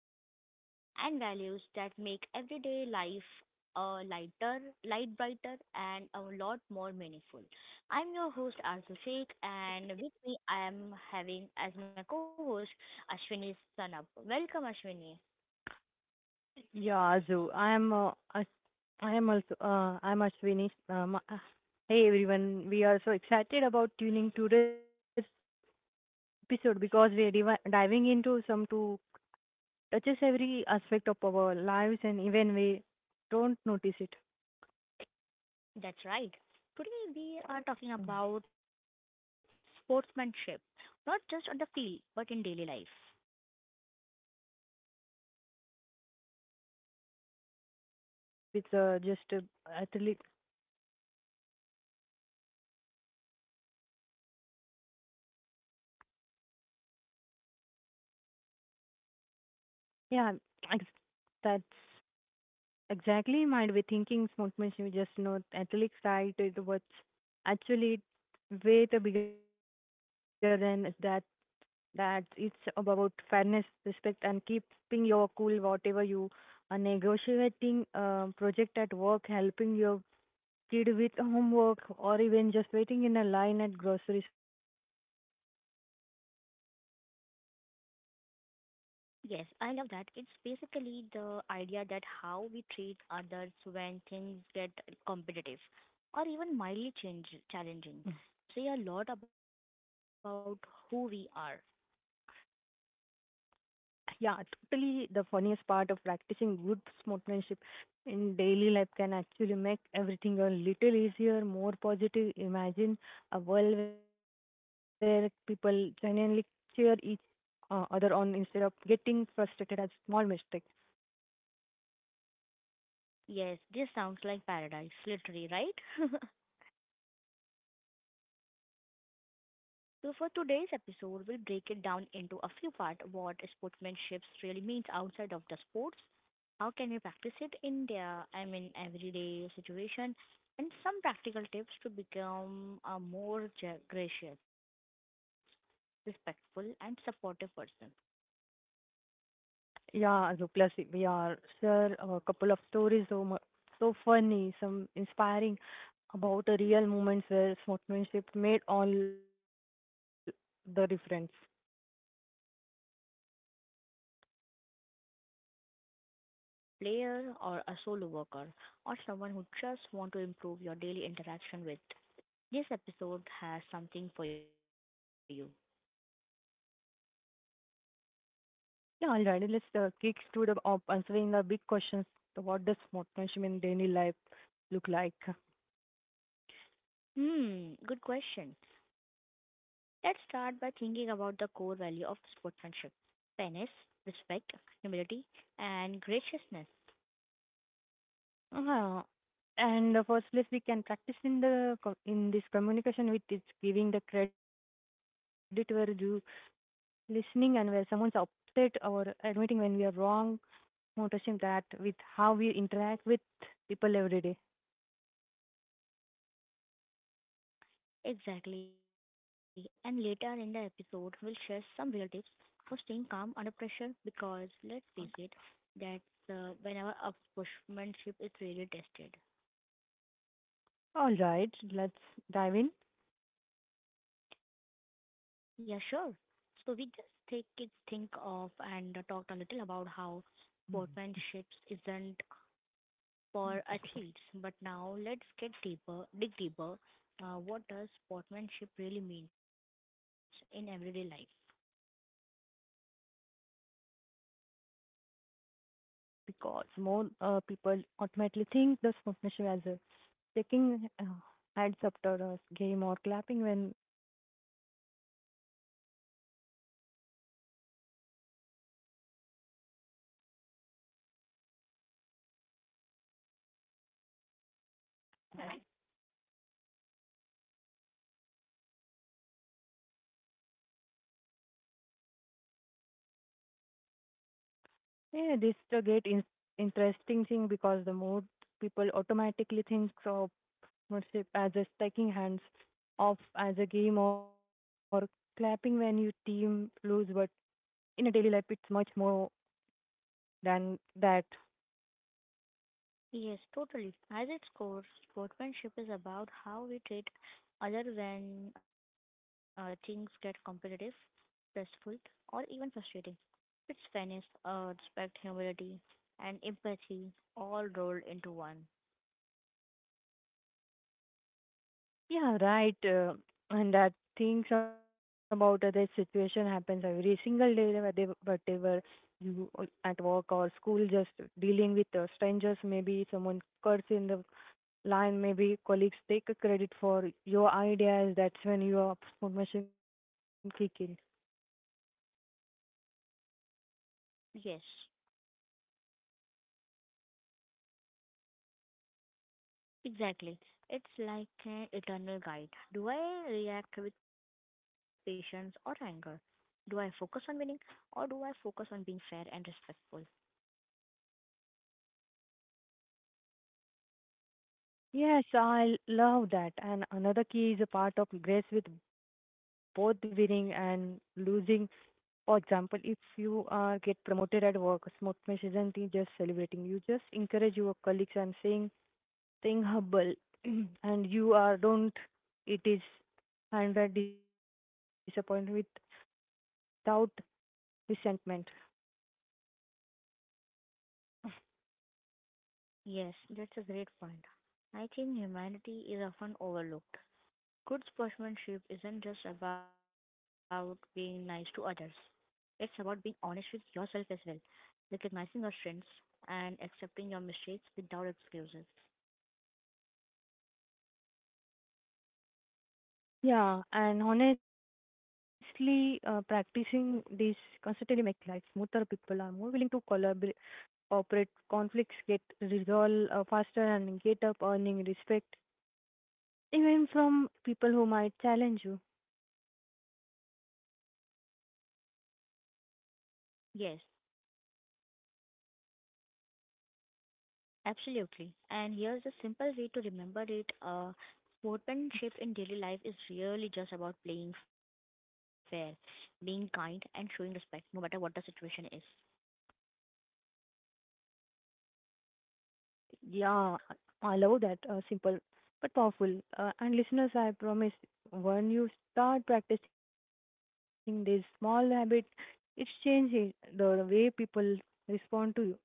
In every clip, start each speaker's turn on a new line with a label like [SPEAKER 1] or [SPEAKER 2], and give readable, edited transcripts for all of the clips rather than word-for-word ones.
[SPEAKER 1] habits, and values that make everyday life a light brighter, and a lot more meaningful. I'm your host Arzu Sheikh, and with me, I am having as my co-host Ashwini Sanab. Welcome, Ashwini.
[SPEAKER 2] Yeah, Azu. I am also I'm Ashwini. Hey everyone, we are so excited about tuning to this episode because diving into some to touches every aspect of our lives and even we don't notice it.
[SPEAKER 1] That's right. Today we are talking
[SPEAKER 2] Mm.
[SPEAKER 1] about sportsmanship, not just on the field but in daily life.
[SPEAKER 2] Yeah, exactly. It might be things on sportship. It's just a athlete. Yeah, ex- that's Exactly, might be thinking smoke machine just not at least right, it was actually way too bigger than that that it's about fairness, respect and keeping your cool whatever you are negotiating project at work, helping your kid with homework or even just waiting in a line at grocery store.
[SPEAKER 1] Yes, I love that. It's basically the idea that how we treat others when things get competitive or even mildly challenging say a lot about who we are.
[SPEAKER 2] Yeah, totally. The funniest part of practicing good sportsmanship in daily life can actually make everything a little easier, more positive. Imagine a world where people genuinely cheer each other on instead of getting frustrated at small mistakes.
[SPEAKER 1] Yes, this sounds like paradise, literally, right? So for today's episode, we'll break it down into a few parts what sportsmanship really means outside of the sports, how can we practice it in their, I mean, everyday situation, and some practical tips to become a more gracious, respectful, and supportive person.
[SPEAKER 2] Yeah, so plus we are sure a couple of stories so funny, some inspiring about a real moments where sportsmanship made all the difference.
[SPEAKER 1] Yes, so buckle up and get ready. Whether you're a team player or a solo worker or someone who just want to improve your daily interaction with, this episode has something for you.
[SPEAKER 2] Yeah, all right. Let's kick to the answering the big questions. So what does motivation in daily life look like?
[SPEAKER 1] Hmm, good question. Let's start by thinking about the core value of sportsmanship fairness, respect, humility, and graciousness.
[SPEAKER 2] Uh-huh. And first place we can practice in in this communication which is giving the credit where due, listening and where someone's upset or admitting when we are wrong, motivation that with how we interact with people every day.
[SPEAKER 1] Exactly. And later in the episode, we'll share some real tips for staying calm under pressure because let's face it, that's whenever our sportsmanship is really tested.
[SPEAKER 2] All right, let's dive in.
[SPEAKER 1] Yeah, sure. So we just take it, think of and talked a little about how
[SPEAKER 2] Hmm.
[SPEAKER 1] sportsmanship isn't for athletes. But now let's get deeper, dig deeper. What does sportsmanship really means in everyday life?
[SPEAKER 2] Yeah, this is where get interesting because more people automatically think the sponsorship as a taking heads up to a game or clapping when team lose, but in daily life it much more than that. Yeah, this interesting thing because the more people automatically think of sponsorship as a taking hands off as a game or clapping when your team lose, but in a daily life it's much more than that.
[SPEAKER 1] Yes, totally. At its core, sportsmanship is about how we treat other when things get competitive, stressful, or even frustrating. It's fairness, respect, humility, and empathy all rolled into one.
[SPEAKER 2] Yeah, right. And that things about that situation happens every single day, whether whatever at work or school, just dealing with strangers, maybe someone curse in the line, maybe colleagues take a credit for your ideas. That's when your formation kick in.
[SPEAKER 1] Yes. Exactly. It's like an eternal guide. Do I react with patience or anger? Do I focus on winning or do I focus on being fair and respectful?
[SPEAKER 2] Yes, I love that. And another key is a part of grace with both winning and losing. For example, if you get promoted at work, Smokemesh isn't he just celebrating. You just encourage your colleagues and saying, staying humble, and you are don't. It is hundred disappointment without resentment.
[SPEAKER 1] Yes, that's a great point. I think humanity is often overlooked. Good sportsmanship isn't just about being nice to others, it's about being honest with yourself as well, recognizing your strengths and accepting your mistakes without excuses.
[SPEAKER 2] Yeah, and honestly, practicing this constantly make life smoother. People are more willing to collaborate, cooperate. Conflicts get resolved faster and get up earning respect, even from people who might challenge you.
[SPEAKER 1] Yes, absolutely. And here's a simple way to remember it. Sportsmanship in daily life is really just about playing fair, being kind, and showing respect, no matter what the situation is.
[SPEAKER 2] Yeah, I love that. Simple but powerful. And listeners, I promise, when you start practicing this small habit, it's changing the way people respond to you and even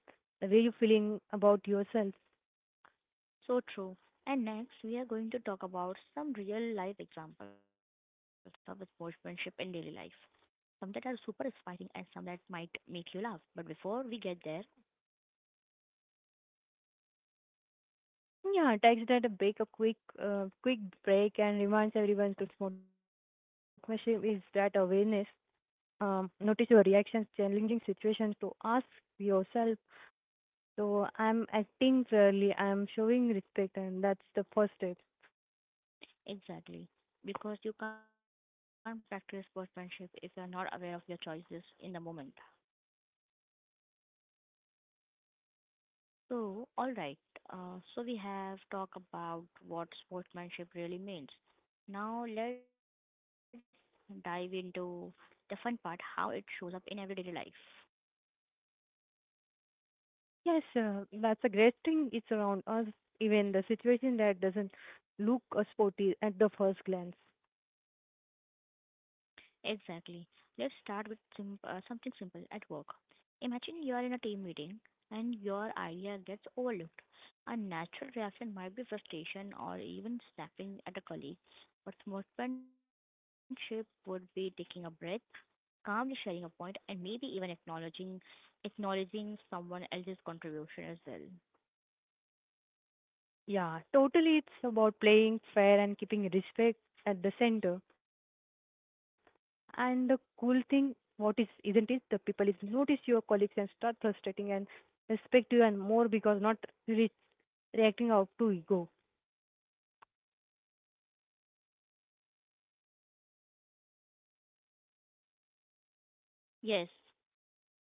[SPEAKER 2] the way you're feeling about yourself.
[SPEAKER 1] So true. And next, we are going to talk about some real life examples of sportsmanship in daily life. Some that are super inspiring and some that might make you laugh. But before we get there,
[SPEAKER 2] Yeah, text that a break, a quick, quick break, and reminds everyone to smoke machine is that awareness. Notice your reactions, challenging situations to ask yourself, so I'm acting fairly, I'm showing respect, and that's the first step.
[SPEAKER 1] exactly, because you can't practice sportsmanship if you're not aware of your choices in the moment. So, all right. So we have talked about what sportsmanship really means. Now let's dive into the fun part, how it shows up in everyday life.
[SPEAKER 2] Yes, that's a great thing. It's around us, even the situation that doesn't look sporty at the first glance.
[SPEAKER 1] Exactly. Let's start with something simple at work. Imagine you are in a team meeting and your idea gets overlooked. A natural reaction might be frustration or even snapping at a colleague, but sportsmanship would be taking a breath, calmly sharing your point and maybe even acknowledging someone else's contribution as well.
[SPEAKER 2] Yeah, totally. It's about playing fair and keeping respect at the center. And the cool thing, what is isn't is the people is notice your colleagues and start frustrating and respect you and more because not re- reacting out to ego.
[SPEAKER 1] Yes,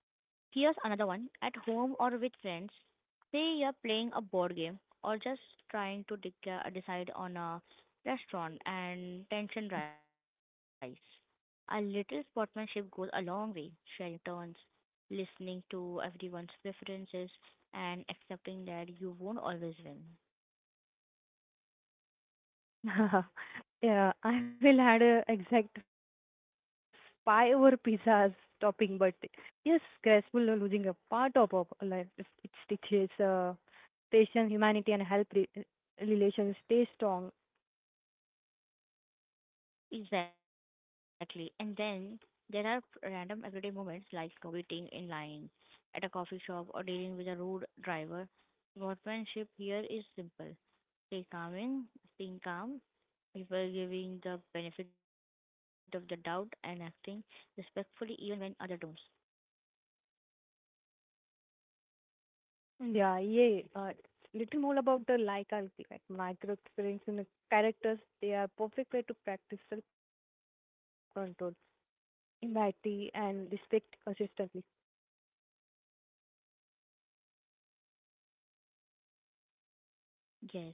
[SPEAKER 1] here's another one. At home or with friends, say you're playing a board game or just trying to decide on a restaurant and tension rise. A little sportsmanship goes a long way. Sharing turns, listening to everyone's preferences, and accepting that you won't always win.
[SPEAKER 2] Yeah, I will add a exact five or pizzas topping, but yes, graceful of losing a part of our life. It teaches patience, humanity, and help relations stay strong.
[SPEAKER 1] Exactly. And then there are random everyday moments like waiting in line at a coffee shop or dealing with a rude driver. Workmanship here is simple. Stay calming, Staying calm, people giving the benefit of the doubt and acting respectfully even when others don't.
[SPEAKER 2] Yeah, yeah. Little more about the like and like micro experience in the characters. They are perfect way to practice self-control, empathy, and respect consistently.
[SPEAKER 1] Yes.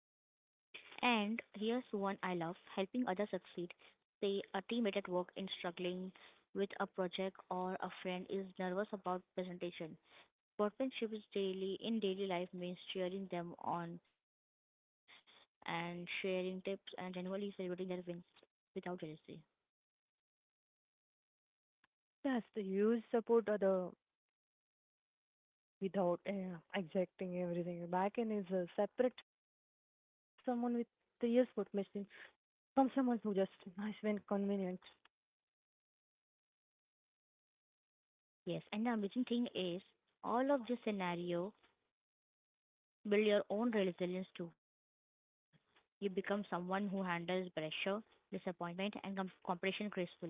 [SPEAKER 1] And here's one I love helping others succeed. Say a teammate at work in struggling with a project or a friend is nervous about presentation. Workmanship is daily in daily life means cheering them on and sharing tips and genuinely celebrating their wins without jealousy.
[SPEAKER 2] Yes, the use support other without exacting everything back and is separate someone with serious food machine from someone who just nice when convenient.
[SPEAKER 1] Yes, and the amazing thing is all of this scenario build your own resilience too. You become someone who handles pressure, disappointment and compression gracefully.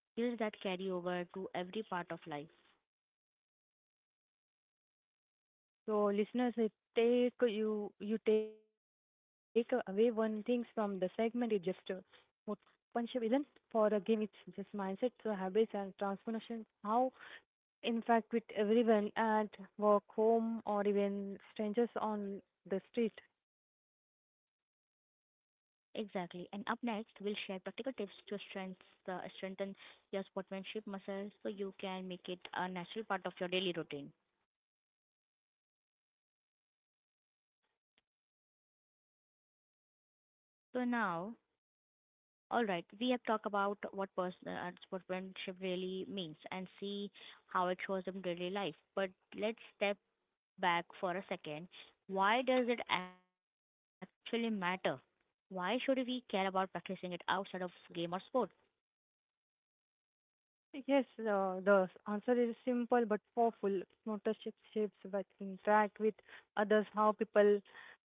[SPEAKER 1] Skills that carry over to every part of life.
[SPEAKER 2] So listeners, if take you you take away one thing from the segment, it just what Punjab isn't for a game. It's just mindset, so habits and transformation. How in fact with everyone at work, home, or even strangers on the street.
[SPEAKER 1] Exactly. And up next, we'll share practical tips to strengthen your sportsmanship muscle so you can make it a natural part of your daily routine. So now, all right, we have talked about what person sportsmanship really means and see how it shows in daily life. But let's step back for a second. Why does it actually matter? Why should we care about practicing it outside of game or sport?
[SPEAKER 2] Yes, the answer is simple but powerful. Notorship shapes but interact with others, how people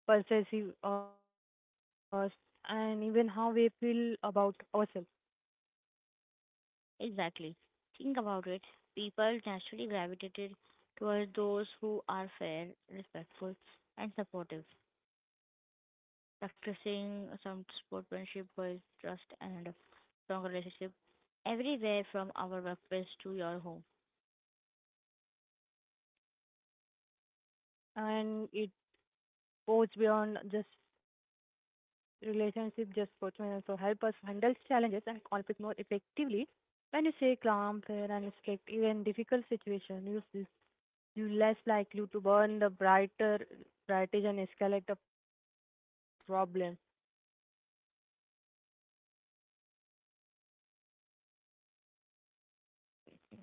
[SPEAKER 2] perceive us, and even how we feel about ourselves.
[SPEAKER 1] Exactly. Think about it. People naturally gravitated towards those who are fair, respectful, and supportive. Practicing some sportsmanship builds trust and a strong relationship everywhere from our workplace to your home.
[SPEAKER 2] And it goes beyond just relationship, just personal, also help us handle challenges and conflict more effectively. When you say calm, fair, and respect, even difficult situation, you less likely to burn the brighter, brighter and escalate the problem.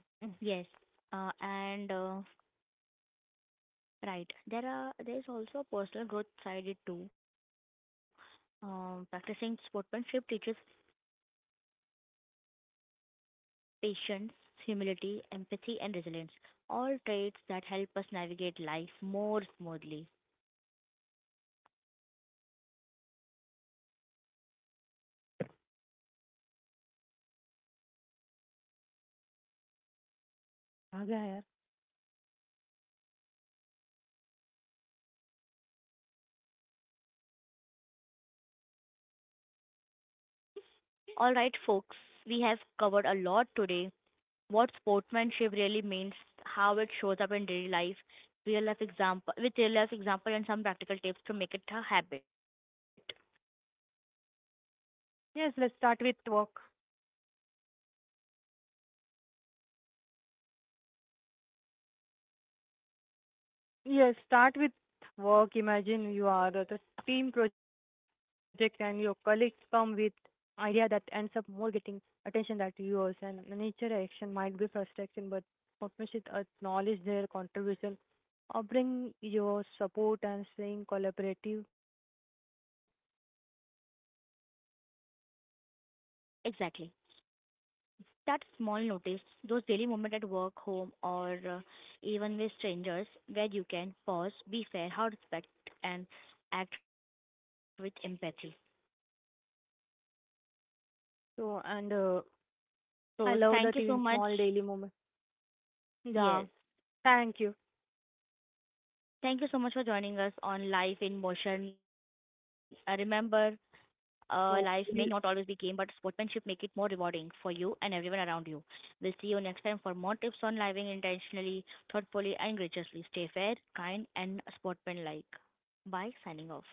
[SPEAKER 1] Yes, and right. There is also a personal growth side it too. Practicing sportsmanship teaches patience, humility, empathy, and resilience. All traits that help us navigate life more smoothly.
[SPEAKER 2] आ गया यार.
[SPEAKER 1] Alright, folks, we have covered a lot today. What sportsmanship really means, how it shows up in daily life, real life example and some practical tips to make it a habit.
[SPEAKER 2] Yes, let's start with work. Yes, start with work. Imagine you are at a team project and your colleagues come with idea that ends up more getting attention that yours and nature action might be frustration but partnership acknowledge their contribution, offering your support and staying collaborative.
[SPEAKER 1] Exactly. That small notice, those daily moments at work, home, or even with strangers, where you can pause, be fair, how respect, and act with empathy.
[SPEAKER 2] So and I
[SPEAKER 1] So
[SPEAKER 2] love
[SPEAKER 1] thank
[SPEAKER 2] that
[SPEAKER 1] you so
[SPEAKER 2] even
[SPEAKER 1] much.
[SPEAKER 2] small daily moment.
[SPEAKER 1] Yes.
[SPEAKER 2] Yeah, thank you.
[SPEAKER 1] Thank you so much for joining us on Life in Motion. Uh, remember,
[SPEAKER 2] So
[SPEAKER 1] uh,
[SPEAKER 2] we
[SPEAKER 1] life may
[SPEAKER 2] will
[SPEAKER 1] not always be game, but sportsmanship make it more rewarding for you and everyone around you. We'll see you next time for more tips on living intentionally, thoughtfully, and graciously. Stay fair, kind, and sportsmanlike. Bye. Signing off.